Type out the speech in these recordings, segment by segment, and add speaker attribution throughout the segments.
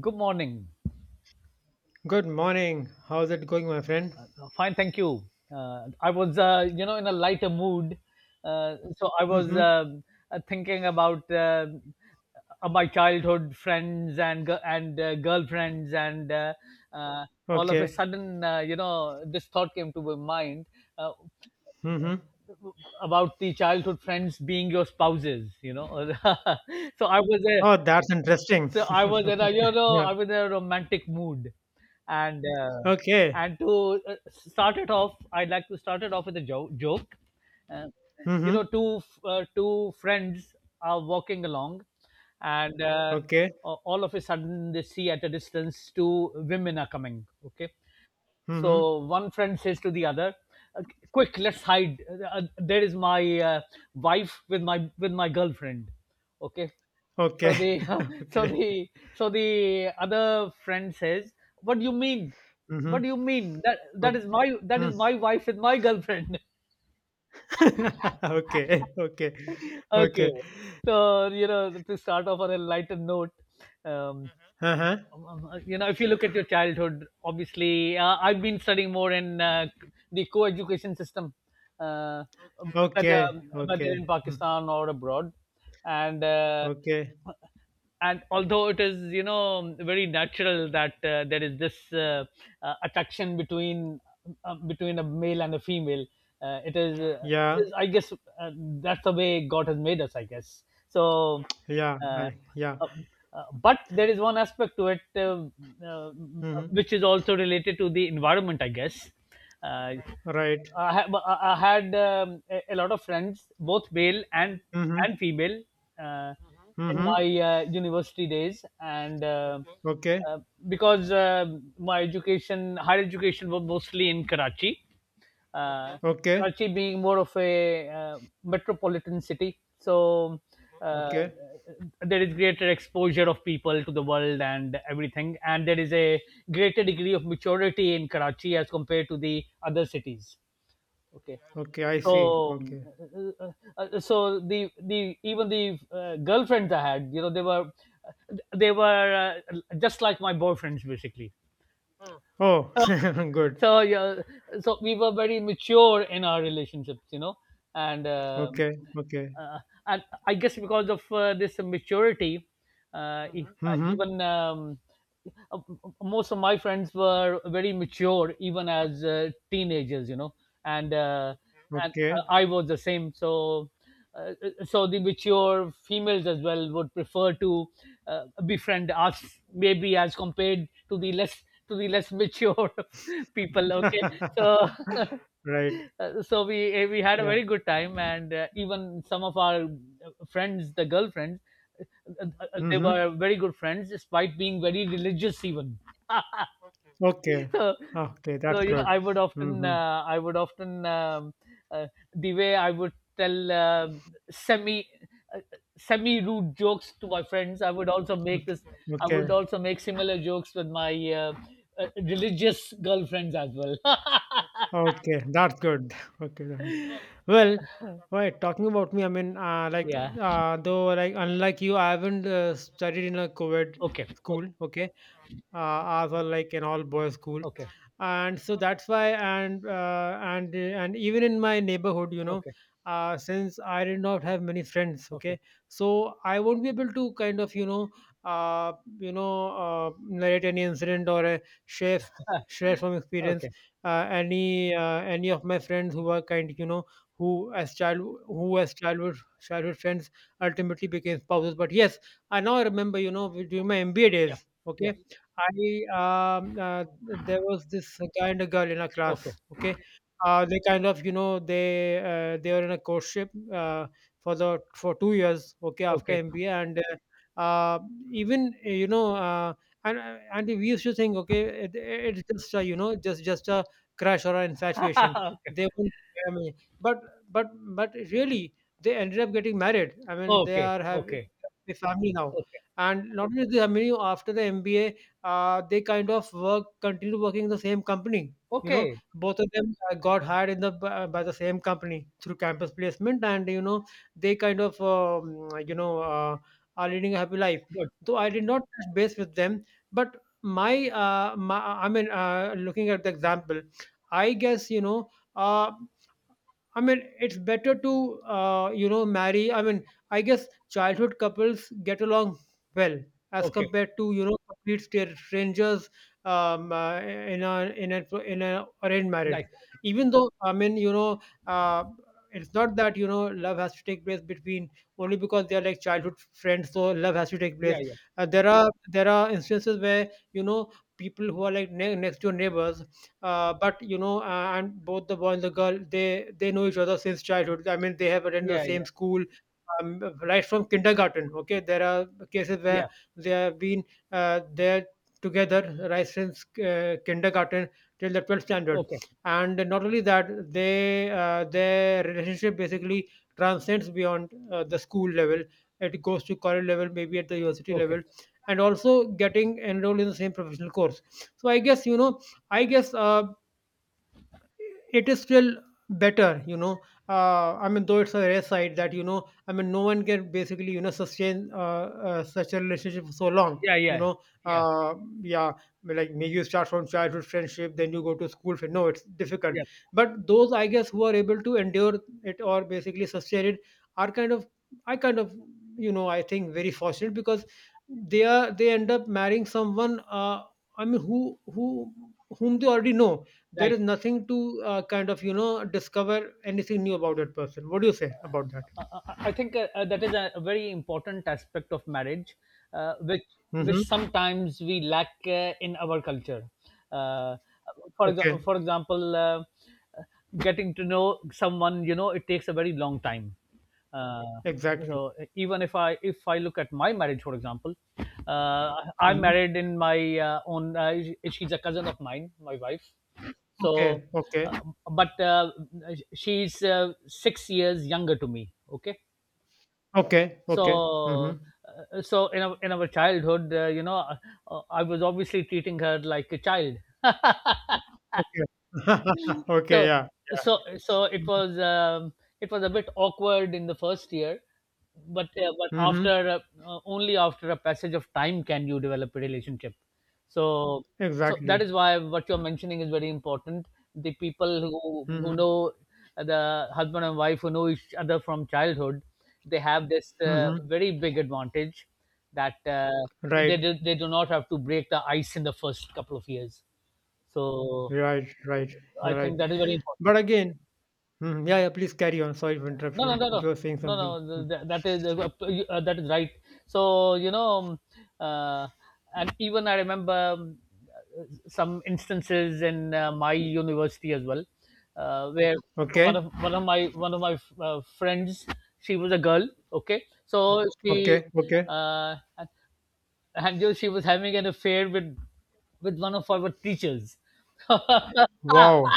Speaker 1: Good morning.
Speaker 2: Good morning. How's it going, my friend?
Speaker 1: Fine, thank you. I was, in a lighter mood, so I was
Speaker 2: Mm-hmm.
Speaker 1: thinking about my childhood friends and girlfriends, and uh, all of a
Speaker 2: Okay.
Speaker 1: sudden, this thought came to my mind. Uh,
Speaker 2: Mm-hmm.
Speaker 1: about the childhood friends being your spouses. so I was
Speaker 2: Oh, that's
Speaker 1: a
Speaker 2: interesting.
Speaker 1: so I was in a you know
Speaker 2: yeah.
Speaker 1: I was in a romantic mood, and uh,
Speaker 2: Okay.
Speaker 1: and to start it off, I'd like to start it off with a joke. Uh,
Speaker 2: Mm-hmm.
Speaker 1: Two friends are walking along, and
Speaker 2: Okay.
Speaker 1: all of a sudden they see at a distance two women are coming. Okay,
Speaker 2: Mm-hmm.
Speaker 1: so one friend says to the other, "Uh, "Quick, let's hide. There is my uh, wife with my girlfriend." Okay.
Speaker 2: Okay.
Speaker 1: So the so
Speaker 2: okay.
Speaker 1: the so the other friend says, "What do you mean? What
Speaker 2: Mm-hmm.
Speaker 1: do you mean? That
Speaker 2: Okay.
Speaker 1: is my wife with my girlfriend."
Speaker 2: Okay. Okay.
Speaker 1: Okay.
Speaker 2: Okay.
Speaker 1: So to start off on a lighter note, um,
Speaker 2: Uh-huh.
Speaker 1: If you look at your childhood, obviously, I've been studying more in the co-education system, uh,
Speaker 2: Okay.
Speaker 1: whether
Speaker 2: Okay.
Speaker 1: in
Speaker 2: Mm.
Speaker 1: Pakistan or abroad, and uh,
Speaker 2: Okay.
Speaker 1: and although it is very natural that there is this attraction between a male and a female. uh, it is, uh, it
Speaker 2: Yeah.
Speaker 1: is, I guess, that's the way God has made us. I guess so.
Speaker 2: Yeah.
Speaker 1: uh,
Speaker 2: I, yeah.
Speaker 1: uh, but there is one aspect to it, uh,
Speaker 2: Mm-hmm.
Speaker 1: which is also related to the environment, I guess. uh,
Speaker 2: Right.
Speaker 1: I, ha- I had a lot of friends, both male
Speaker 2: Mm-hmm.
Speaker 1: and female, uh, hmm in
Speaker 2: Mm-hmm.
Speaker 1: my university days. And okay,
Speaker 2: Okay.
Speaker 1: uh, because my education higher education was mostly in Karachi, uh, okay.
Speaker 2: Okay.
Speaker 1: Karachi being more of a metropolitan city, so uh,
Speaker 2: Okay.
Speaker 1: there is greater exposure of people to the world and everything, and there is a greater degree of maturity in Karachi as compared to the other cities. Okay. Okay.
Speaker 2: Okay. I see.
Speaker 1: so
Speaker 2: Okay.
Speaker 1: uh, uh, so the even the girlfriends I had, you know, they were just like my boyfriends basically.
Speaker 2: Oh,
Speaker 1: So,
Speaker 2: good.
Speaker 1: so yeah, so we were very mature in our relationships, you know, and um
Speaker 2: Okay, okay.
Speaker 1: uh, and I guess, because of this maturity,
Speaker 2: Mm-hmm.
Speaker 1: even uh, most of my friends were very mature even as teenagers, you know, and Mhm. and
Speaker 2: Okay.
Speaker 1: I was the same. So so the mature females as well would prefer to befriend us, maybe, as compared to the less mature people. Okay. So
Speaker 2: Right.
Speaker 1: so we had a
Speaker 2: Yeah.
Speaker 1: very good time, and even some of our friends, the girlfriends, they
Speaker 2: Mm-hmm.
Speaker 1: were very good friends, despite being very religious even.
Speaker 2: Okay.
Speaker 1: So,
Speaker 2: Okay, that's good.
Speaker 1: I would often,
Speaker 2: Mm-hmm.
Speaker 1: uh, the way I would tell, semi, uh, semi rude jokes to my friends. I would also make
Speaker 2: Okay.
Speaker 1: this. I would
Speaker 2: Okay.
Speaker 1: also make similar jokes with my religious girlfriends as well.
Speaker 2: Okay, that's good. Okay. Then. Well, right, talking about me, I mean, like,
Speaker 1: Yeah.
Speaker 2: though, like, unlike you, I haven't studied in a COVID
Speaker 1: Okay.
Speaker 2: school, okay? As well like an all boys school,
Speaker 1: Okay.
Speaker 2: and so that's why, and and even in my neighborhood, you know,
Speaker 1: Okay.
Speaker 2: since I did not have many friends,
Speaker 1: Okay.
Speaker 2: okay, so I won't be able to kind of, you know, uh, you know, narrate any incident or a share share from experience,
Speaker 1: Okay.
Speaker 2: any of my friends who were kind, you know, who as child who as childhood childhood friends ultimately became spouses, but yes, I now remember, you know, during my MBA
Speaker 1: Yeah.
Speaker 2: days,
Speaker 1: Yeah.
Speaker 2: okay. I there was this guy and a girl in a
Speaker 1: Okay.
Speaker 2: class. Okay, they kind of, you know, they were in a courtship for the for 2 years. Okay, after
Speaker 1: Okay.
Speaker 2: MBA. And Even you know, and we used to think, okay, it's just a, you know, just a crush or an infatuation.
Speaker 1: Okay.
Speaker 2: They won't, I mean, but but but really they ended up getting married. I mean, they
Speaker 1: Okay.
Speaker 2: are, have
Speaker 1: Okay.
Speaker 2: a family now.
Speaker 1: Okay.
Speaker 2: And not only this, I mean, you- after the MBA, they kind of work continue working in the same company, you know,
Speaker 1: Okay.
Speaker 2: both of them got hired in the by the same company through campus placement. And you know, they kind of you know, are leading a happy life,
Speaker 1: Good.
Speaker 2: though I did not touch base with them. But I mean, looking at the example, I guess, you know, uh, I mean, it's better to, you know, marry. I mean, I guess childhood couples get along well as
Speaker 1: Okay.
Speaker 2: compared to, you know, complete strangers in a in a in a arranged marriage.
Speaker 1: Right.
Speaker 2: Even though, I mean, you know, it's not that, you know, love has to take place between, only because they are like childhood friends, so love has to take place.
Speaker 1: Yeah. Yeah.
Speaker 2: There are instances where, you know, people who are like next door neighbors, but you know, and both the boy and the girl, they know each other since childhood. I mean, they have attended the
Speaker 1: Yeah.
Speaker 2: same
Speaker 1: Yeah.
Speaker 2: school right from kindergarten, okay. There are cases where
Speaker 1: Yeah.
Speaker 2: they have been there together, right since kindergarten till the 12th standard.
Speaker 1: Okay.
Speaker 2: And not only that, they their relationship basically transcends beyond the school level. It goes to college level, maybe at the university level,
Speaker 1: Okay.
Speaker 2: and also getting enrolled in the same professional course. So I guess, you know, I guess, it is still better, you know. I mean, though it's a rare sight that, you know, I mean, no one can basically, you know, sustain such a relationship for so long,
Speaker 1: Yeah.
Speaker 2: you
Speaker 1: Yeah.
Speaker 2: know.
Speaker 1: Yeah.
Speaker 2: uh, yeah, like maybe you start from childhood friendship, then you go to school friend. No, it's difficult.
Speaker 1: Yeah.
Speaker 2: But those, I guess, who are able to endure it or basically sustain it, are kind of, I kind of, you know, I think very fortunate, because they are, they end up marrying someone. I mean, whom they already know. There
Speaker 1: Right.
Speaker 2: is nothing to kind of, you know, discover anything new about that person. What do you say about that?
Speaker 1: I think, that is a very important aspect of marriage, which
Speaker 2: Mm-hmm.
Speaker 1: sometimes we lack, in our culture. Uh, for
Speaker 2: Okay.
Speaker 1: example, uh, getting to know someone, you know, it takes a very long time. Uh,
Speaker 2: Exactly.
Speaker 1: so, even if I look at my marriage, for example, I'm
Speaker 2: Mm-hmm.
Speaker 1: married in my own. She's a cousin of mine, my wife. So,
Speaker 2: Okay. Okay.
Speaker 1: uh, but she's 6 years younger to me. Okay,
Speaker 2: Okay. Okay. Mm-hmm.
Speaker 1: so so in our childhood, I was obviously treating her like a child.
Speaker 2: Okay. okay.
Speaker 1: So
Speaker 2: Yeah, yeah.
Speaker 1: so it was, it was a bit awkward in the first year, but
Speaker 2: Mm-hmm.
Speaker 1: after, only after a passage of time can you develop a relationship. So so that
Speaker 2: Exactly.
Speaker 1: is why what you're mentioning is very important. The people who
Speaker 2: Mm-hmm.
Speaker 1: know, the husband and wife who know each other from childhood, they have this
Speaker 2: Mm-hmm.
Speaker 1: very big advantage, that
Speaker 2: right
Speaker 1: they do not have to break the ice in the first couple of years. So
Speaker 2: right.
Speaker 1: I
Speaker 2: You're right,
Speaker 1: think that is very important.
Speaker 2: but again. Mhm. Yeah, yeah, please carry on, sorry to interrupt
Speaker 1: No,
Speaker 2: you.
Speaker 1: no, no,
Speaker 2: You were saying
Speaker 1: no, no,
Speaker 2: something. Mm.
Speaker 1: no. That is, that is right. So, uh, and even I remember, some instances in my university as well, where
Speaker 2: Okay.
Speaker 1: one of my friends, she was a girl. Okay, so
Speaker 2: Okay.
Speaker 1: she
Speaker 2: Okay.
Speaker 1: uh, and she was having an affair with one of our teachers.
Speaker 2: Wow.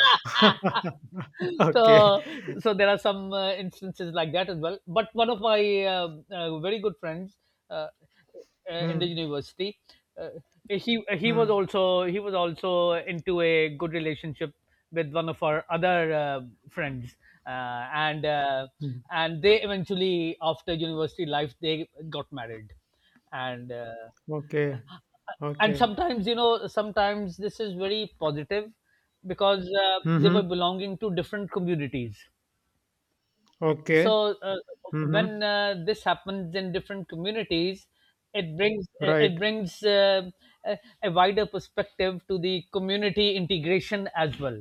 Speaker 2: okay.
Speaker 1: so so there are some instances like that as well, but one of my very good friends, uh, in the
Speaker 2: Mm-hmm.
Speaker 1: university, uh,
Speaker 2: Mm-hmm.
Speaker 1: he was also into a good relationship with one of our other friends, uh, and uh,
Speaker 2: Hmm.
Speaker 1: and they, eventually, after university life, they got married. And
Speaker 2: Okay. Okay.
Speaker 1: sometimes, sometimes, this is very positive, because they were
Speaker 2: Mhm.
Speaker 1: belonging to different communities.
Speaker 2: Okay.
Speaker 1: So
Speaker 2: Mhm.
Speaker 1: when this happens in different communities, it brings,
Speaker 2: Right.
Speaker 1: a wider perspective to the community integration as well.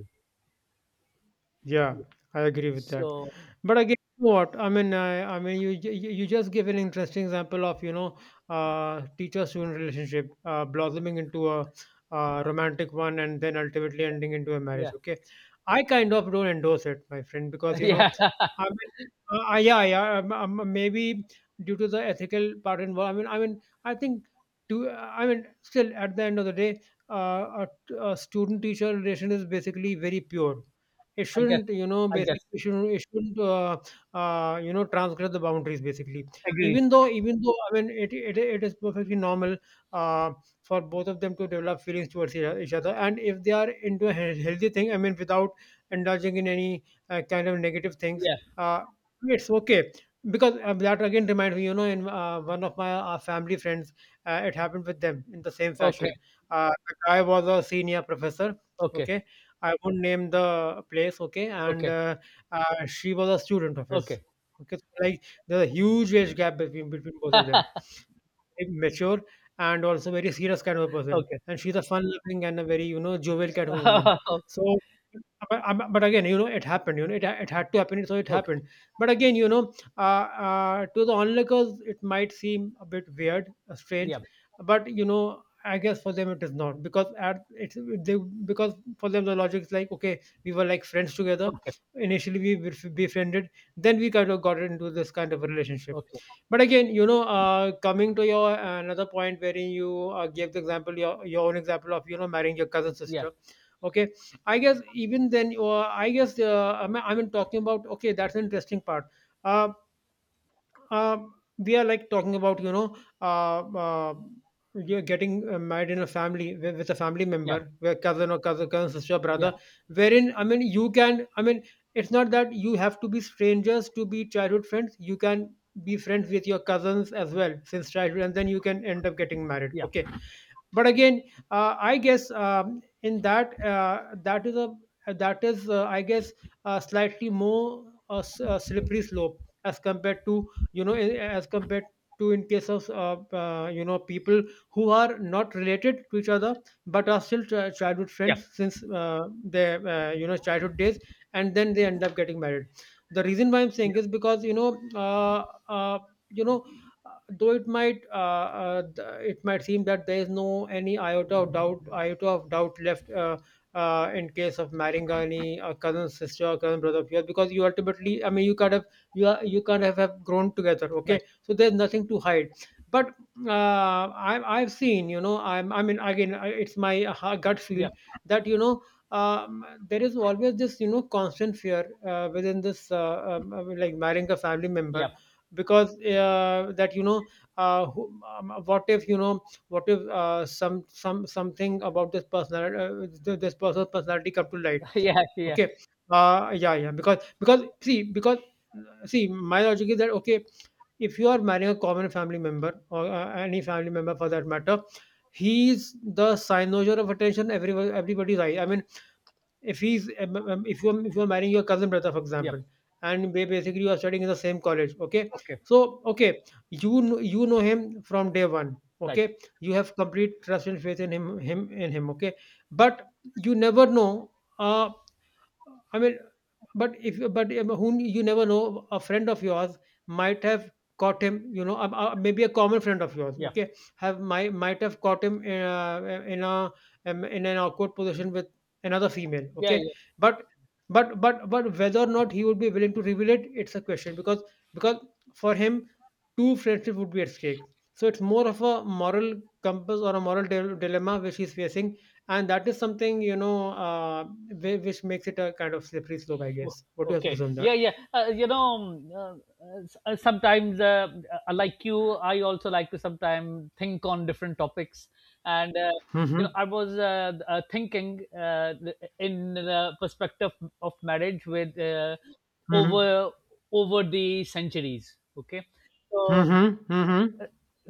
Speaker 2: Yeah, I agree with that.
Speaker 1: So
Speaker 2: But again, you know what? I mean, I mean, you you just give an interesting example of, you know, teacher-student relationship blossoming into a romantic one, and then ultimately ending into a
Speaker 1: yeah.
Speaker 2: marriage. Okay, I kind of don't endorse it, my friend, because, you know,
Speaker 1: Yeah.
Speaker 2: I mean, yeah, yeah, maybe due to the ethical part involved. I mean, I mean, I think to, I mean, still at the end of the day, uh, a, a student-teacher relation is basically very pure. It
Speaker 1: I guess.
Speaker 2: shouldn't, you know,
Speaker 1: i
Speaker 2: basically
Speaker 1: guess
Speaker 2: it shouldn't you know, transgress the boundaries basically.
Speaker 1: Agreed.
Speaker 2: Even though, I mean, it is perfectly normal uh, for both of them to develop feelings towards each other, and if they are into a healthy thing, I mean, without indulging in any kind of negative things,
Speaker 1: Yeah.
Speaker 2: uh, it's okay. Because that again reminds me, you know, in one of my family friends, it happened with them in the same
Speaker 1: Okay.
Speaker 2: fashion. The guy was a senior professor,
Speaker 1: Okay.
Speaker 2: okay, I won't name the place, okay? And
Speaker 1: Okay.
Speaker 2: she was a student of his.
Speaker 1: Okay.
Speaker 2: Okay, so like there's a huge age gap between both of them. Mature and also very serious kind of a person.
Speaker 1: Okay.
Speaker 2: And she's a fun-loving and a very, you know, jovial kind of a woman.
Speaker 1: Okay.
Speaker 2: So, but again, you know, it happened. You know, it had to happen, so it
Speaker 1: Okay.
Speaker 2: happened. But again, you know, to the onlookers, it might seem a bit weird,
Speaker 1: Yeah.
Speaker 2: strange, but you know. I guess for them it is not, because at it's, they because for them the logic is like, okay, we were like friends together,
Speaker 1: Okay.
Speaker 2: initially we befriended, then we kind of got into this kind of a relationship.
Speaker 1: Okay.
Speaker 2: But again, you know, coming to your another point wherein you gave the example, your own example of, you know, marrying your cousin
Speaker 1: Yeah,
Speaker 2: sister. Okay. I guess even then, I guess, I mean, talking about, okay, that's an interesting part. Uh, we are like talking about, you know, uh, uh, you're getting married in a family with a family
Speaker 1: yeah,
Speaker 2: member, where cousin or cousin sister or
Speaker 1: yeah,
Speaker 2: brother, wherein, I mean, you can, I mean, it's not that you have to be strangers to be childhood friends. You can be friends with your cousins as well since childhood, and then you can end up getting married,
Speaker 1: yeah,
Speaker 2: okay. But again, I guess, in that, that is a, that is, I guess, slightly more, slippery slope as compared to, you know, as compared to in case of, you know, people who are not related to each other, but are still childhood
Speaker 1: yeah,
Speaker 2: friends since their, you know, childhood days, and then they end up getting married. The reason why I'm saying
Speaker 1: yeah.
Speaker 2: is because, you know, uh, uh, you know, though it might it might seem that there is no any iota of doubt left, in case of marrying any cousin sister or cousin brother of yours, because you ultimately, I mean, you kind of, you are, you kind of have grown together, okay,
Speaker 1: Right.
Speaker 2: so there's nothing to hide. But I, I've seen, you know, I mean again, it's my gut feel
Speaker 1: Yeah.
Speaker 2: that, you know, there is always this, you know, constant fear within this, I mean, like marrying a family
Speaker 1: Yeah.
Speaker 2: member, because that, you know, who, what if, you know, what if some something about this personality, this person's personality come to light,
Speaker 1: Yeah. Yeah.
Speaker 2: okay. Yeah, yeah, because see, because see, my logic is that, okay, if you are marrying a common family member, or any family member for that matter, he's the sign of attention, everyone, everybody's eye, I mean, if he's, if you're, if you're marrying your cousin brother, for
Speaker 1: Yeah.
Speaker 2: example, and basically you are studying in the same college, okay,
Speaker 1: Okay.
Speaker 2: so okay, you know him from day one,
Speaker 1: Right.
Speaker 2: okay, you have complete trust and faith in him, okay. But you never know. uh I mean, but if, but whom you never know, a friend of yours might have caught him, you know, maybe a common friend of yours,
Speaker 1: Yeah.
Speaker 2: okay, have might have caught him in a, in a, in an awkward position with another female.
Speaker 1: Yeah.
Speaker 2: Okay,
Speaker 1: Yeah.
Speaker 2: but but whether or not he would be willing to reveal it, it's a question because for him, two friendship would be at stake. So it's more of a moral compass or a moral dilemma which he's facing, and that is something which makes it a kind of slippery slope. I
Speaker 1: o-
Speaker 2: guess, what do you have to
Speaker 1: okay.
Speaker 2: say on that?
Speaker 1: Yeah. Yeah. Sometimes, like you, I also like to sometimes think on different topics, and
Speaker 2: Mm-hmm,
Speaker 1: I was, thinking, in the perspective of marriage, with
Speaker 2: mm-hmm,
Speaker 1: over over the centuries. Okay. So.
Speaker 2: mm-hmm, mm-hmm,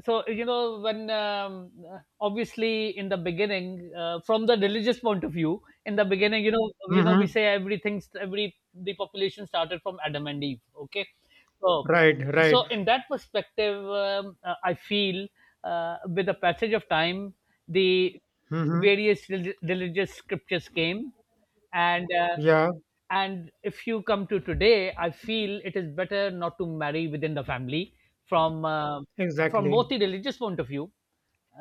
Speaker 1: So, when, obviously, in the beginning, from the religious point of view, in the beginning, we
Speaker 2: mm-hmm.
Speaker 1: say everything, every the population started from Adam and Eve. Okay. so
Speaker 2: Right, right.
Speaker 1: so in that perspective, I feel, with the passage of time, the
Speaker 2: Mm-hmm.
Speaker 1: various religious scriptures came. And
Speaker 2: Yeah,
Speaker 1: and if you come to today, I feel it is better not to marry within the family, from uh, from
Speaker 2: exactly.
Speaker 1: both the religious point of view,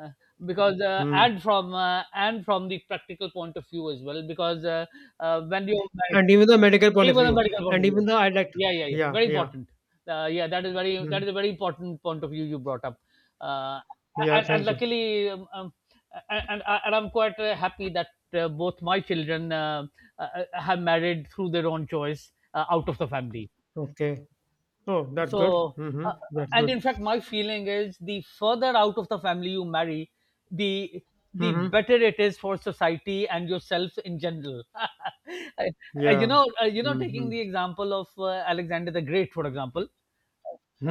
Speaker 1: uh, because
Speaker 2: Mm.
Speaker 1: and from, and from the practical point of view as well, because when you marry.
Speaker 2: And even the medical point
Speaker 1: It
Speaker 2: of
Speaker 1: was a
Speaker 2: view,
Speaker 1: medical point
Speaker 2: and
Speaker 1: of
Speaker 2: even
Speaker 1: view.
Speaker 2: though I like.
Speaker 1: Yeah, yeah, yeah.
Speaker 2: Yeah,
Speaker 1: Very
Speaker 2: yeah.
Speaker 1: important. Yeah, that is very that
Speaker 2: Mm.
Speaker 1: is a very important point of view you brought up. Uh,
Speaker 2: Yeah,
Speaker 1: and
Speaker 2: thank you.
Speaker 1: luckily, and I'm quite happy that both my children uh, have married through their own choice, out of the family.
Speaker 2: Okay. Oh, that's good.
Speaker 1: So,
Speaker 2: Mm-hmm.
Speaker 1: uh, uh,
Speaker 2: That's
Speaker 1: and
Speaker 2: good.
Speaker 1: in fact, my feeling is the further out of the family you marry, the the
Speaker 2: Mm-hmm.
Speaker 1: better it is for society and yourself in general.
Speaker 2: Yeah. Mm-hmm.
Speaker 1: Taking the example of, Alexander the Great, for example.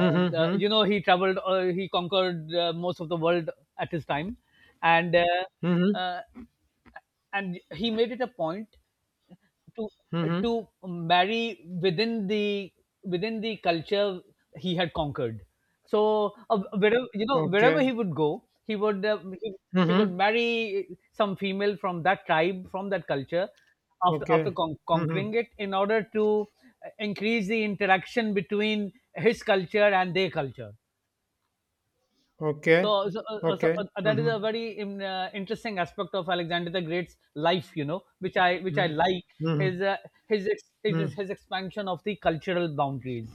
Speaker 1: You know, he traveled, he conquered, most of the world at his time. And
Speaker 2: Mm-hmm.
Speaker 1: uh, and he made it a point to to
Speaker 2: Mm-hmm.
Speaker 1: marry within the culture he had conquered. So, wherever,
Speaker 2: Okay.
Speaker 1: wherever he would go, he would, he would
Speaker 2: Mm-hmm.
Speaker 1: marry some female from that tribe, from that culture, after
Speaker 2: Okay. Mm-hmm.
Speaker 1: conquering it, in order to increase the interaction between his culture and their culture.
Speaker 2: Okay.
Speaker 1: So, so, uh, uh, so
Speaker 2: Okay.
Speaker 1: uh, that is a
Speaker 2: Mhm.
Speaker 1: very interesting aspect of Alexander the Great's life, you know, which I
Speaker 2: Mhm.
Speaker 1: like. His
Speaker 2: Mhm. Mm.
Speaker 1: his expansion of the cultural boundaries.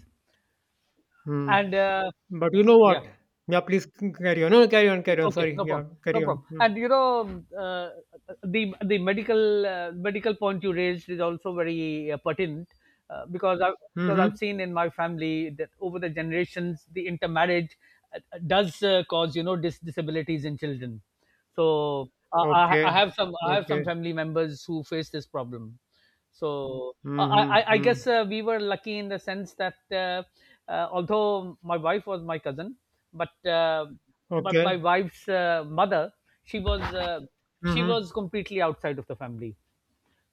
Speaker 2: Mm.
Speaker 1: And
Speaker 2: But you know what?
Speaker 1: yeah.
Speaker 2: Yeah, please carry on. No, no, carry on, carry on.
Speaker 1: Okay,
Speaker 2: Sorry.
Speaker 1: no
Speaker 2: Yeah,
Speaker 1: problem, no
Speaker 2: carry
Speaker 1: problem.
Speaker 2: on. Mm.
Speaker 1: And you know, the medical point you raised is also very pertinent, uh, because I because
Speaker 2: Mhm.
Speaker 1: I've seen in my family that over the generations the intermarriage, uh, does cause, disabilities in children. So
Speaker 2: Okay.
Speaker 1: I have
Speaker 2: Okay.
Speaker 1: some family members who face this problem. So
Speaker 2: Mhm.
Speaker 1: I
Speaker 2: Mm.
Speaker 1: guess we were lucky in the sense that, although my wife was my cousin, but uh, but
Speaker 2: Okay.
Speaker 1: my wife's mother, she was uh, she
Speaker 2: Mhm.
Speaker 1: was completely outside of the family.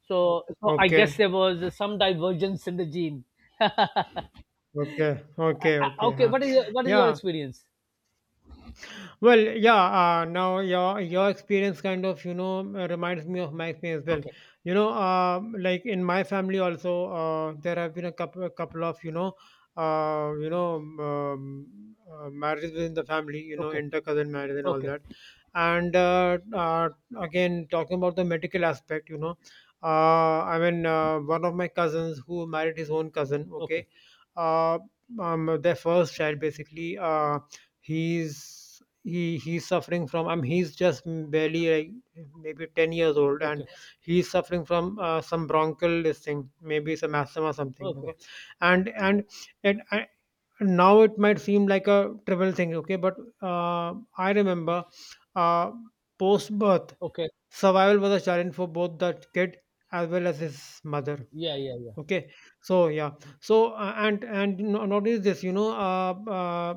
Speaker 1: So I
Speaker 2: Okay.
Speaker 1: guess there was some divergence in the gene.
Speaker 2: Okay. Okay. Okay.
Speaker 1: Okay,
Speaker 2: Huh.
Speaker 1: what is what is your
Speaker 2: Yeah.
Speaker 1: experience?
Speaker 2: Well, yeah. Now your experience kind of reminds me of my experience as well,
Speaker 1: Okay,
Speaker 2: Like in my family also, there have been a couple of uh, you know, marriages within the family.
Speaker 1: okay,
Speaker 2: Inter cousin marriage and all
Speaker 1: okay,
Speaker 2: that. And again, talking about the medical aspect, I mean, one of my cousins who married his own cousin.
Speaker 1: okay,
Speaker 2: Okay, uh, their first child basically. He's he's suffering from, I mean, he's just barely like maybe 10 years old, and
Speaker 1: okay,
Speaker 2: he's suffering from some bronchial this thing, maybe some asthma or something. Okay,
Speaker 1: okay,
Speaker 2: and it I, now it might seem like a trivial thing, okay, but I remember, uh, post birth,
Speaker 1: okay.
Speaker 2: survival was a challenge for both that kid as well as his mother.
Speaker 1: Yeah, yeah, yeah.
Speaker 2: Okay, so yeah, so and not only this,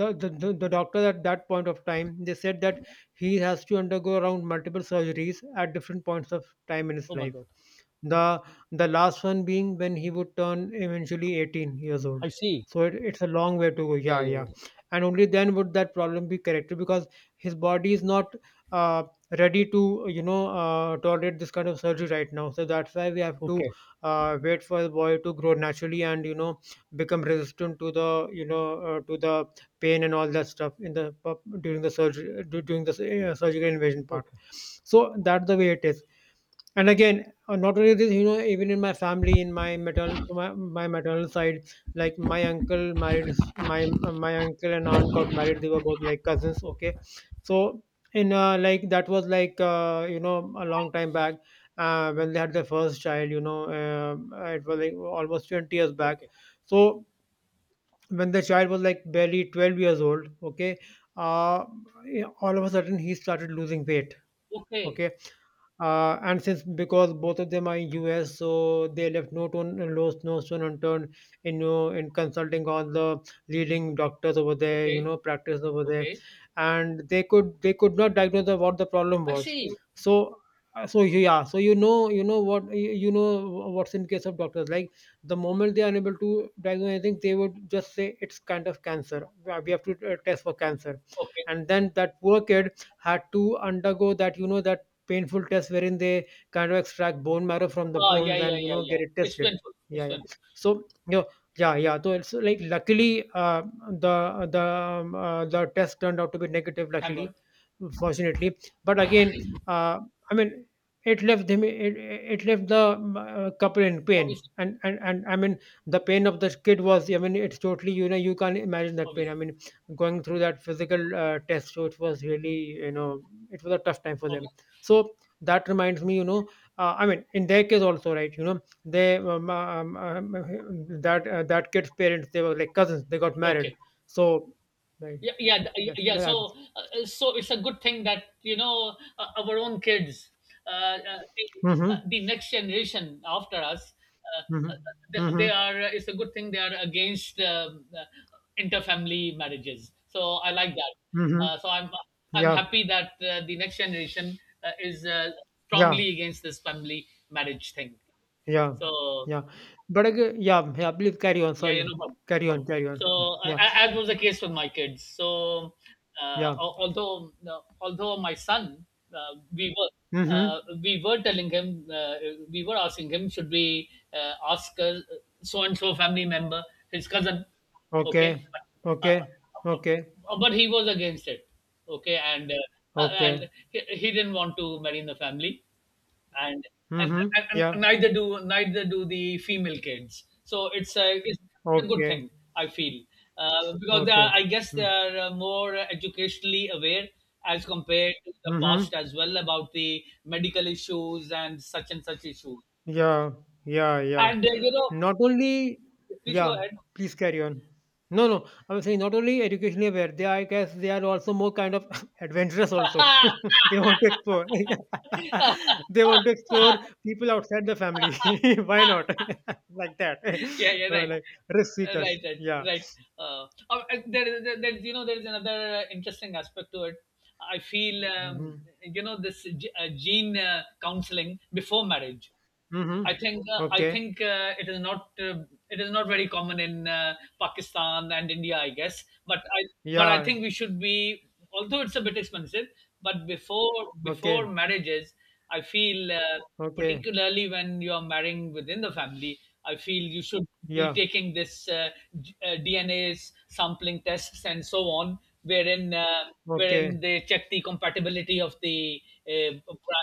Speaker 2: the doctor at that point of time, they said that he has to undergo around multiple surgeries at different points of time in his
Speaker 1: Oh my
Speaker 2: life.
Speaker 1: God.
Speaker 2: The the last one being when he would turn eventually 18 years old.
Speaker 1: I see.
Speaker 2: So it's a long way to go.
Speaker 1: Yeah,
Speaker 2: Yeah,
Speaker 1: yeah,
Speaker 2: yeah.
Speaker 1: yeah.
Speaker 2: And only then would that problem be corrected, because his body is not uh, ready to tolerate this kind of surgery right now. So that's why we have to
Speaker 1: Okay,
Speaker 2: wait for the boy to grow naturally, and become resistant to the you know to the pain and all that stuff in the during the surgery, during the surgical invasion part.
Speaker 1: okay,
Speaker 2: So that's the way it is. And again, not only this, even in my family, to my maternal side, like my uncle and aunt got married. They were both like cousins.
Speaker 1: okay.
Speaker 2: Okay, so in like that was like a long time back, when they had their first child. It was like almost 20 years back.
Speaker 1: Okay.
Speaker 2: So when the child was like barely 12 years old, okay, uh, all of a sudden he started losing weight.
Speaker 1: Okay.
Speaker 2: Okay, and since because both of them are in US, so they left no stone unturned in in consulting all the leading doctors over there, you
Speaker 1: Okay.
Speaker 2: know, practice over there,
Speaker 1: Okay.
Speaker 2: and they could not diagnose what the problem
Speaker 1: I
Speaker 2: was.
Speaker 1: see.
Speaker 2: So so yeah, so you know what you know what's in case of doctors. Like the moment they are unable to diagnose anything, they would just say it's kind of cancer. We have to test for cancer,
Speaker 1: Okay.
Speaker 2: and then that poor kid had to undergo that, you know, that painful test, wherein they kind of extract bone marrow from the
Speaker 1: Ah, yeah,
Speaker 2: bones
Speaker 1: yeah,
Speaker 2: and
Speaker 1: yeah, yeah.
Speaker 2: get it
Speaker 1: It's
Speaker 2: tested.
Speaker 1: painful.
Speaker 2: Yeah,
Speaker 1: It's
Speaker 2: yeah.
Speaker 1: painful.
Speaker 2: So yeah, yeah, yeah. So it's like, luckily the test turned out to be negative.
Speaker 1: Thank
Speaker 2: Luckily,
Speaker 1: God.
Speaker 2: fortunately, but again, uh, I mean, it left them. It left the couple in pain.
Speaker 1: Obviously.
Speaker 2: And I mean, the pain of the kid was, I mean, it's totally, you can't imagine that pain. I
Speaker 1: Obviously.
Speaker 2: mean, going through that physical test, so it was really you know it was a tough time for them.
Speaker 1: Obviously.
Speaker 2: So that reminds me, I mean, in their case also, right? They that that kid's parents, they were like cousins. They got married.
Speaker 1: Okay.
Speaker 2: So, right.
Speaker 1: yeah yeah th- yeah
Speaker 2: Yes,
Speaker 1: yeah,
Speaker 2: that's.
Speaker 1: so uh, so it's a good thing that our own kids uh, uh, the,
Speaker 2: Mm-hmm,
Speaker 1: the next generation after us uh,
Speaker 2: mm-hmm,
Speaker 1: uh, they,
Speaker 2: mm-hmm,
Speaker 1: they are it's a good thing they are against interfamily marriages, so I like that.
Speaker 2: mm-hmm.
Speaker 1: So I'm
Speaker 2: Yeah,
Speaker 1: happy that the next generation is
Speaker 2: yeah,
Speaker 1: strongly against this family marriage thing.
Speaker 2: yeah,
Speaker 1: So
Speaker 2: yeah. But again, yeah, yeah. Please carry on.
Speaker 1: yeah, yeah, no
Speaker 2: Sorry,
Speaker 1: problem. No
Speaker 2: carry on,
Speaker 1: problem.
Speaker 2: carry
Speaker 1: So,
Speaker 2: on. Yeah,
Speaker 1: as was the case with my kids. So,
Speaker 2: yeah.
Speaker 1: although although my son, uh, we were
Speaker 2: Mm-hmm.
Speaker 1: we were telling him, we were asking him, should we ask so and so family member, his cousin, okay?
Speaker 2: Okay,
Speaker 1: Uh,
Speaker 2: okay,
Speaker 1: uh,
Speaker 2: okay,
Speaker 1: but he was against it, okay,
Speaker 2: okay.
Speaker 1: and he didn't want to marry in the family. and and,
Speaker 2: Mm-hmm.
Speaker 1: and, and
Speaker 2: Yeah.
Speaker 1: neither do neither do the female kids. So it's a good
Speaker 2: Okay,
Speaker 1: thing, I feel, because they are,
Speaker 2: okay.
Speaker 1: I guess they are more educationally aware as compared to the
Speaker 2: Mm-hmm.
Speaker 1: past as well about the medical issues and such issues.
Speaker 2: Yeah, yeah, yeah.
Speaker 1: And you know,
Speaker 2: Not only,
Speaker 1: please go
Speaker 2: yeah,
Speaker 1: ahead.
Speaker 2: please carry on. No, no, I'm saying, not only educationally aware, they are, I guess they are also more kind of adventurous also. They want to explore. They want to explore people outside the family. Why not? Like that.
Speaker 1: Yeah, yeah,
Speaker 2: Or
Speaker 1: right.
Speaker 2: like risk seekers.
Speaker 1: Right, right,
Speaker 2: Yeah.
Speaker 1: right. There is, there, there's there is another interesting aspect to it. I feel,
Speaker 2: Mm-hmm.
Speaker 1: you know, this gene counseling before marriage.
Speaker 2: Mm-hmm.
Speaker 1: I
Speaker 2: Okay.
Speaker 1: think it is not very common in Pakistan and India, I guess. But I
Speaker 2: Yeah.
Speaker 1: think we should be, although it's a bit expensive, but before
Speaker 2: Okay.
Speaker 1: marriages, I feel
Speaker 2: Okay.
Speaker 1: particularly when you are marrying within the family, I feel you should be
Speaker 2: Yeah.
Speaker 1: taking this DNA sampling tests and so on, wherein wherein
Speaker 2: Okay.
Speaker 1: they check the compatibility of the uh,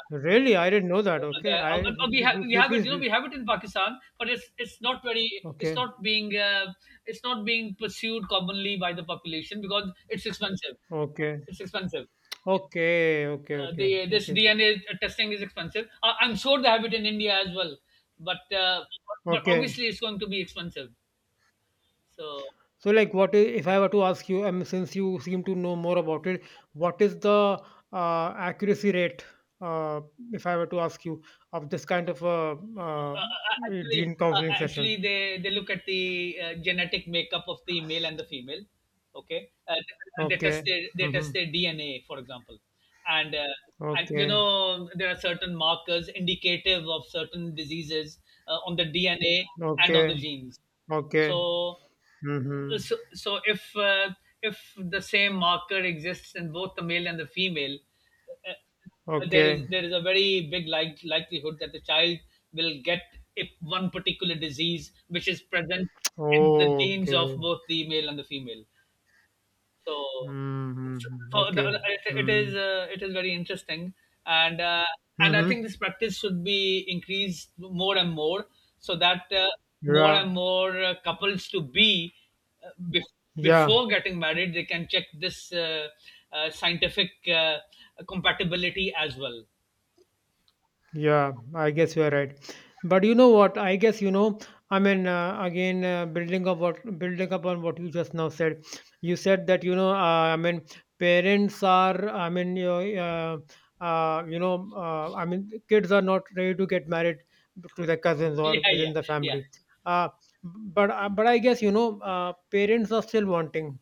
Speaker 2: Really? I didn't know that. Okay.
Speaker 1: there.
Speaker 2: I, p-
Speaker 1: We have
Speaker 2: p-
Speaker 1: we
Speaker 2: p-
Speaker 1: have it.
Speaker 2: Please,
Speaker 1: You know, we have it in Pakistan, but it's not very,
Speaker 2: okay.
Speaker 1: it's not being pursued commonly by the population because it's expensive.
Speaker 2: Okay.
Speaker 1: It's expensive.
Speaker 2: Okay. Okay. Okay.
Speaker 1: They, this
Speaker 2: Okay.
Speaker 1: DNA testing is expensive. I'm sure they have it in India as well, but uh, but
Speaker 2: Okay.
Speaker 1: obviously it's going to be expensive. So.
Speaker 2: So, like, what is, if I were to ask you, since you seem to know more about it, what is the accuracy rate, uh, if I were to ask you, of this kind of a
Speaker 1: Actually,
Speaker 2: gene counseling
Speaker 1: actually,
Speaker 2: session?
Speaker 1: they look at the genetic makeup of the male and the female. Okay,
Speaker 2: Okay.
Speaker 1: they
Speaker 2: Mm-hmm.
Speaker 1: test their DNA, for example, and uh, and you
Speaker 2: Okay.
Speaker 1: know there are certain markers indicative of certain diseases on the DNA and on
Speaker 2: Okay.
Speaker 1: the genes.
Speaker 2: Okay.
Speaker 1: So,
Speaker 2: Mm-hmm.
Speaker 1: so, so if the same marker exists in both the male and the female,
Speaker 2: Okay.
Speaker 1: there is a very big, like, likelihood that the child will get if one particular disease which is present in the genes of
Speaker 2: Okay.
Speaker 1: both the male and the female. So,
Speaker 2: Mm-hmm.
Speaker 1: so the,
Speaker 2: Okay.
Speaker 1: it,
Speaker 2: Mm-hmm.
Speaker 1: it is very interesting. And and I
Speaker 2: Mm-hmm.
Speaker 1: think this practice should be increased more and more so that more
Speaker 2: Yeah.
Speaker 1: and more couples to be, uh, bef-
Speaker 2: Yeah.
Speaker 1: before getting married, they can check this scientific compatibility as well.
Speaker 2: Yeah, I guess you are right. But you know what? I guess you know. I mean, again, building upon what you just now said. You said that. I mean, parents are. I mean, I mean, kids are not ready to get married to their cousins or
Speaker 1: Yeah, yeah,
Speaker 2: within the
Speaker 1: yeah,
Speaker 2: family. Uh, but but I guess, parents are still wanting,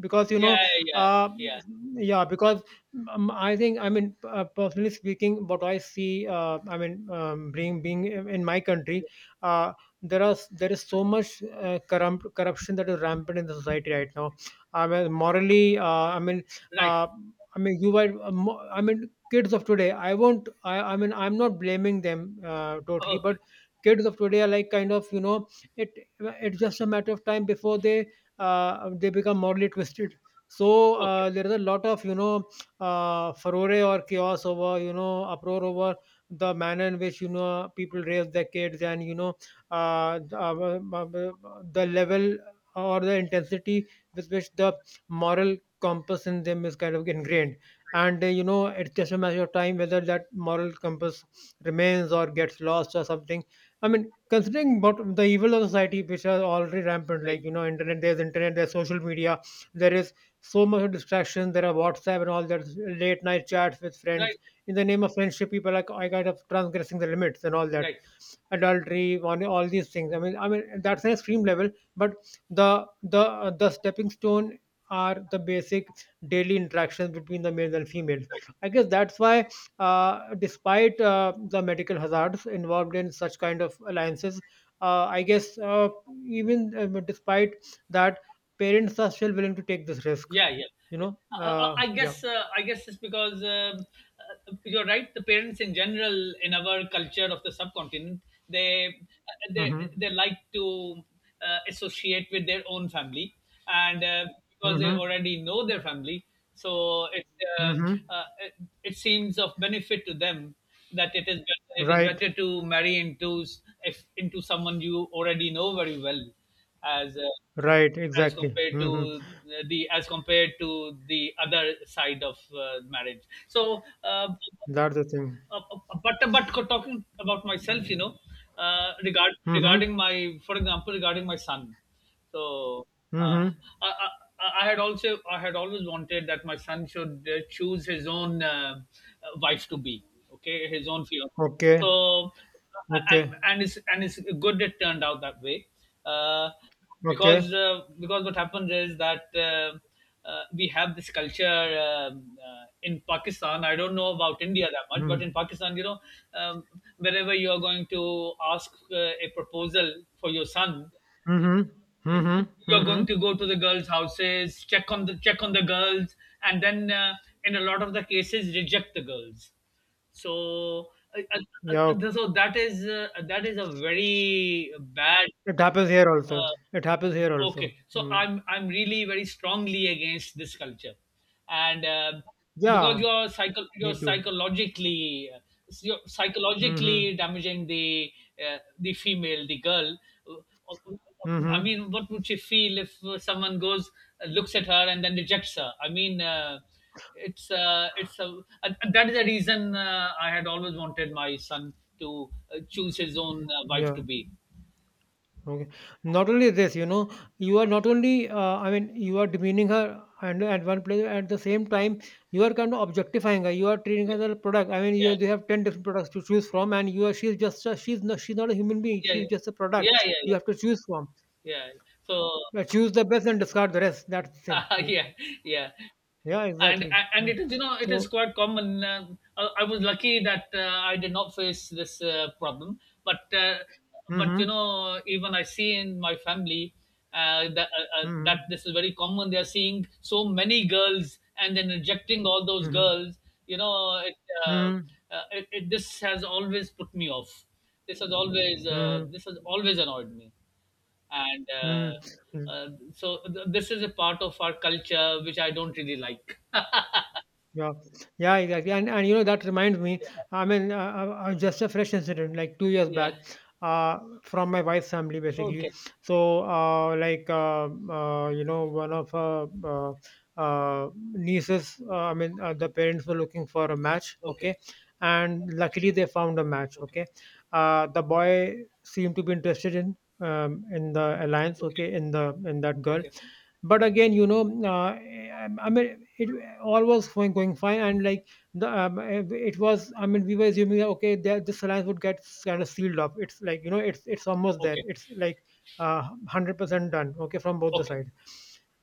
Speaker 2: because
Speaker 1: yeah, yeah,
Speaker 2: uh,
Speaker 1: yeah,
Speaker 2: yeah, because I think, I mean, personally speaking, what I see, I mean, being in my country, uh, there is so much corruption that is rampant in the society right now. I mean, morally, I mean,
Speaker 1: right,
Speaker 2: uh, I mean, I mean, kids of today, I mean, I'm not blaming them totally, but
Speaker 1: okay,
Speaker 2: kids of today are like kind of, you know, it it's just a matter of time before they become morally twisted. So
Speaker 1: okay,
Speaker 2: there is a lot of, furore or chaos over, uproar over, the manner in which people raise their kids, and the level or the intensity with which the moral compass in them is kind of ingrained. And it's just a matter of time whether that moral compass remains or gets lost or something. I mean, considering what the evil of society which are already rampant,
Speaker 1: right,
Speaker 2: like, internet there's internet, there's social media, there is so much distraction, there are WhatsApp and all that, late night chats with friends,
Speaker 1: right,
Speaker 2: in the name of friendship people are I kind of transgressing the limits and all that,
Speaker 1: right.
Speaker 2: adultery, on all these things. I mean, I mean, that's an extreme level, but the stepping stone are the basic daily interactions between the males and females. I guess that's why, despite the medical hazards involved in such kind of alliances, I guess even despite that, parents are still willing to take this risk.
Speaker 1: Yeah, yeah, yeah.
Speaker 2: Yeah.
Speaker 1: I guess it's because you're right. The parents in general in our culture of the subcontinent, they
Speaker 2: Hmm,
Speaker 1: they like to associate with their own family, and because they
Speaker 2: hmm,
Speaker 1: already know their family, so it, uh,
Speaker 2: hmm.
Speaker 1: it it seems of benefit to them that it is
Speaker 2: Right,
Speaker 1: better to marry into s- if into someone you already know very well, as uh,
Speaker 2: right,
Speaker 1: as
Speaker 2: exactly.
Speaker 1: compared
Speaker 2: Hmm.
Speaker 1: to the as compared to the other side of marriage. So
Speaker 2: That's the thing.
Speaker 1: but talking about myself, you know, regard,
Speaker 2: Mhm.
Speaker 1: regarding my, for example, regarding my son. So uh,
Speaker 2: Mhm.
Speaker 1: I, I, I had also, I had always wanted that my son should choose his own wife to be, okay, his own fiance.
Speaker 2: Okay.
Speaker 1: So and
Speaker 2: Okay.
Speaker 1: and it's good it turned out that way. uh, because
Speaker 2: Okay.
Speaker 1: because what happens is that we have this culture, in Pakistan. I don't know about India that much, but in
Speaker 2: Mhm.
Speaker 1: Pakistan, you know, um, wherever you are going to ask a proposal for your son,
Speaker 2: Mhm. Mhm.
Speaker 1: you're going
Speaker 2: Mhm.
Speaker 1: to go to the girls' houses, check on the girls, and then in a lot of the cases reject the girls. So, uh, uh,
Speaker 2: Yeah.
Speaker 1: uh, so that is a very bad.
Speaker 2: It happens here also.
Speaker 1: uh,
Speaker 2: It happens here
Speaker 1: Okay,
Speaker 2: also.
Speaker 1: so
Speaker 2: Mm.
Speaker 1: I'm really very strongly against this culture, and because
Speaker 2: Yeah.
Speaker 1: you're psycho,
Speaker 2: Me too.
Speaker 1: you're
Speaker 2: Mhm.
Speaker 1: psychologically damaging the female, the girl. I
Speaker 2: Mhm.
Speaker 1: mean, what would she feel if someone goes, looks at her, and then rejects her? I mean, it's a, and that is the reason I had always wanted my son to choose his own wife
Speaker 2: Yeah.
Speaker 1: to be.
Speaker 2: Okay. Not only this, you are not only, I mean, you are demeaning her, and at one place, at the same time, you are kind of objectifying her. You are treating her
Speaker 1: Yeah,
Speaker 2: as a product. I mean, you have 10 different products to choose from, and you are, she's just, a, she's not a human being.
Speaker 1: yeah,
Speaker 2: She's
Speaker 1: yeah,
Speaker 2: just a
Speaker 1: yeah, yeah,
Speaker 2: product
Speaker 1: yeah, yeah.
Speaker 2: you have to choose from.
Speaker 1: Yeah. So
Speaker 2: Choose the best and discard the rest. That's the thing. Like,
Speaker 1: yeah, yeah,
Speaker 2: yeah,
Speaker 1: and
Speaker 2: exactly.
Speaker 1: and
Speaker 2: Hmm.
Speaker 1: it is, you know, it is
Speaker 2: So,
Speaker 1: quite common. I was lucky that I did not face this problem, but uh, but you
Speaker 2: mm-hmm,
Speaker 1: know even I see in my family
Speaker 2: mm-hmm,
Speaker 1: that this is very common. They are seeing so many girls and then rejecting all those
Speaker 2: mm-hmm,
Speaker 1: girls. You know, it, uh,
Speaker 2: mm-hmm,
Speaker 1: it, this has always put me off.
Speaker 2: mm-hmm.
Speaker 1: This has always annoyed me, and
Speaker 2: Mm-hmm.
Speaker 1: this is a part of our culture which I don't really like.
Speaker 2: Yeah, yeah, exactly. And that reminds me. I mean, just a fresh incident like 2 years
Speaker 1: Yeah.
Speaker 2: back, from my wife's family basically.
Speaker 1: Okay.
Speaker 2: So, like, you know, one of her nieces. I mean, the parents were looking for a match.
Speaker 1: Okay.
Speaker 2: Okay, and luckily they found a match.
Speaker 1: Okay.
Speaker 2: Okay, the boy seemed to be interested in the alliance.
Speaker 1: Okay.
Speaker 2: Okay, in that girl.
Speaker 1: Okay.
Speaker 2: But again, you know, I mean, it all was going fine. And like the it was, I mean, we were assuming that, okay, that this alliance would get kind of sealed up. It's like, it's almost there.
Speaker 1: Okay.
Speaker 2: It's like uh, 100% done, okay, from both the
Speaker 1: Okay.
Speaker 2: sides.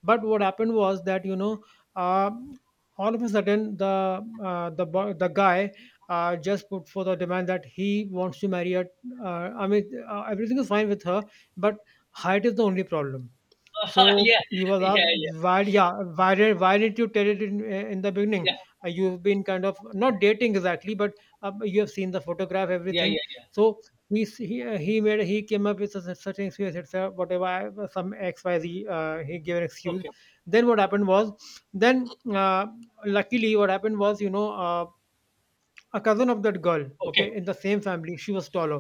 Speaker 2: But what happened was that, um all of a sudden, the guy just put forth a demand that he wants to marry her. I mean, everything is fine with her, but height is the only problem.
Speaker 1: Yeah.
Speaker 2: So he was
Speaker 1: Yeah.
Speaker 2: asked,
Speaker 1: Yeah.
Speaker 2: why, yeah, why, why didn't you tell it in the beginning?
Speaker 1: Yeah.
Speaker 2: You've been kind of not dating exactly, but you have seen the photograph,
Speaker 1: Yeah. Yeah.
Speaker 2: everything.
Speaker 1: Yeah.
Speaker 2: So he s- he made he came up with such, such an excuse. It's whatever, some XYZ. He gave an excuse.
Speaker 1: Okay.
Speaker 2: Then what happened was, then luckily what happened was, a cousin of that girl,
Speaker 1: Okay.
Speaker 2: okay, in the same family, she was taller.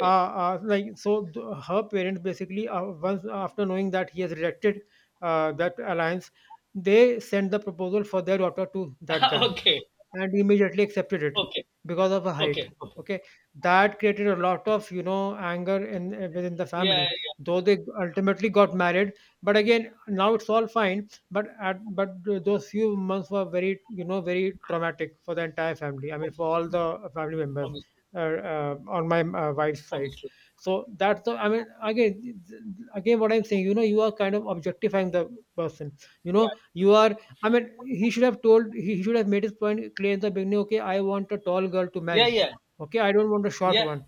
Speaker 2: like, so her parents basically, once after knowing that he has rejected that alliance, they sent the proposal for their daughter to that guy,
Speaker 1: okay.
Speaker 2: and immediately accepted it
Speaker 1: Okay.
Speaker 2: because of her height.
Speaker 1: Okay. Okay.
Speaker 2: Okay, that created a lot of, anger in within the
Speaker 1: Yeah.
Speaker 2: family.
Speaker 1: Yeah.
Speaker 2: Though they ultimately got married, but again, now it's all fine, but those few months were very, very traumatic for the entire family, I mean for
Speaker 1: Obviously.
Speaker 2: all the family members,
Speaker 1: Obviously.
Speaker 2: uh, on my wife's side.
Speaker 1: Obviously.
Speaker 2: So that's the, I mean, again what I'm saying, you are kind of objectifying the person. You know, you are, I mean, he should have made his point clear in the beginning. "Okay, I want a tall girl to marry.
Speaker 1: Yeah. Yeah. Yeah.
Speaker 2: Okay, I don't want a short
Speaker 1: Yeah.
Speaker 2: one."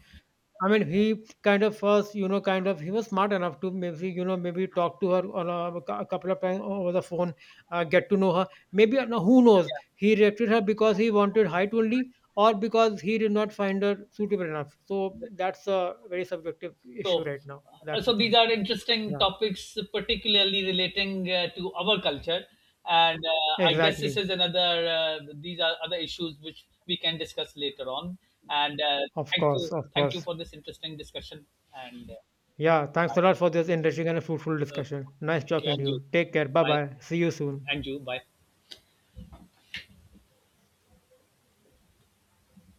Speaker 2: I mean, he kind of first, kind of, he was smart enough to maybe, maybe talk to her on a couple of times over the phone, get to know her. Maybe no, who knows? He rejected her because he wanted height only, or because he did not find her suitable enough. So
Speaker 1: Yeah.
Speaker 2: that's a very subjective issue
Speaker 1: So,
Speaker 2: right now. That's the
Speaker 1: so these
Speaker 2: thing.
Speaker 1: are interesting
Speaker 2: Yeah,
Speaker 1: topics, particularly relating to our culture, and I guess this
Speaker 2: exactly.
Speaker 1: is another. These are other issues which we can discuss later on. And
Speaker 2: Of course, of
Speaker 1: thank you
Speaker 2: course.
Speaker 1: for this interesting discussion. And
Speaker 2: Yeah, thanks a lot for this interesting and fruitful
Speaker 1: uh,
Speaker 2: discussion. Nice
Speaker 1: thank you,
Speaker 2: talking to
Speaker 1: and you,
Speaker 2: you. Take care. Bye
Speaker 1: bye,
Speaker 2: bye. See you soon.
Speaker 1: and you, bye.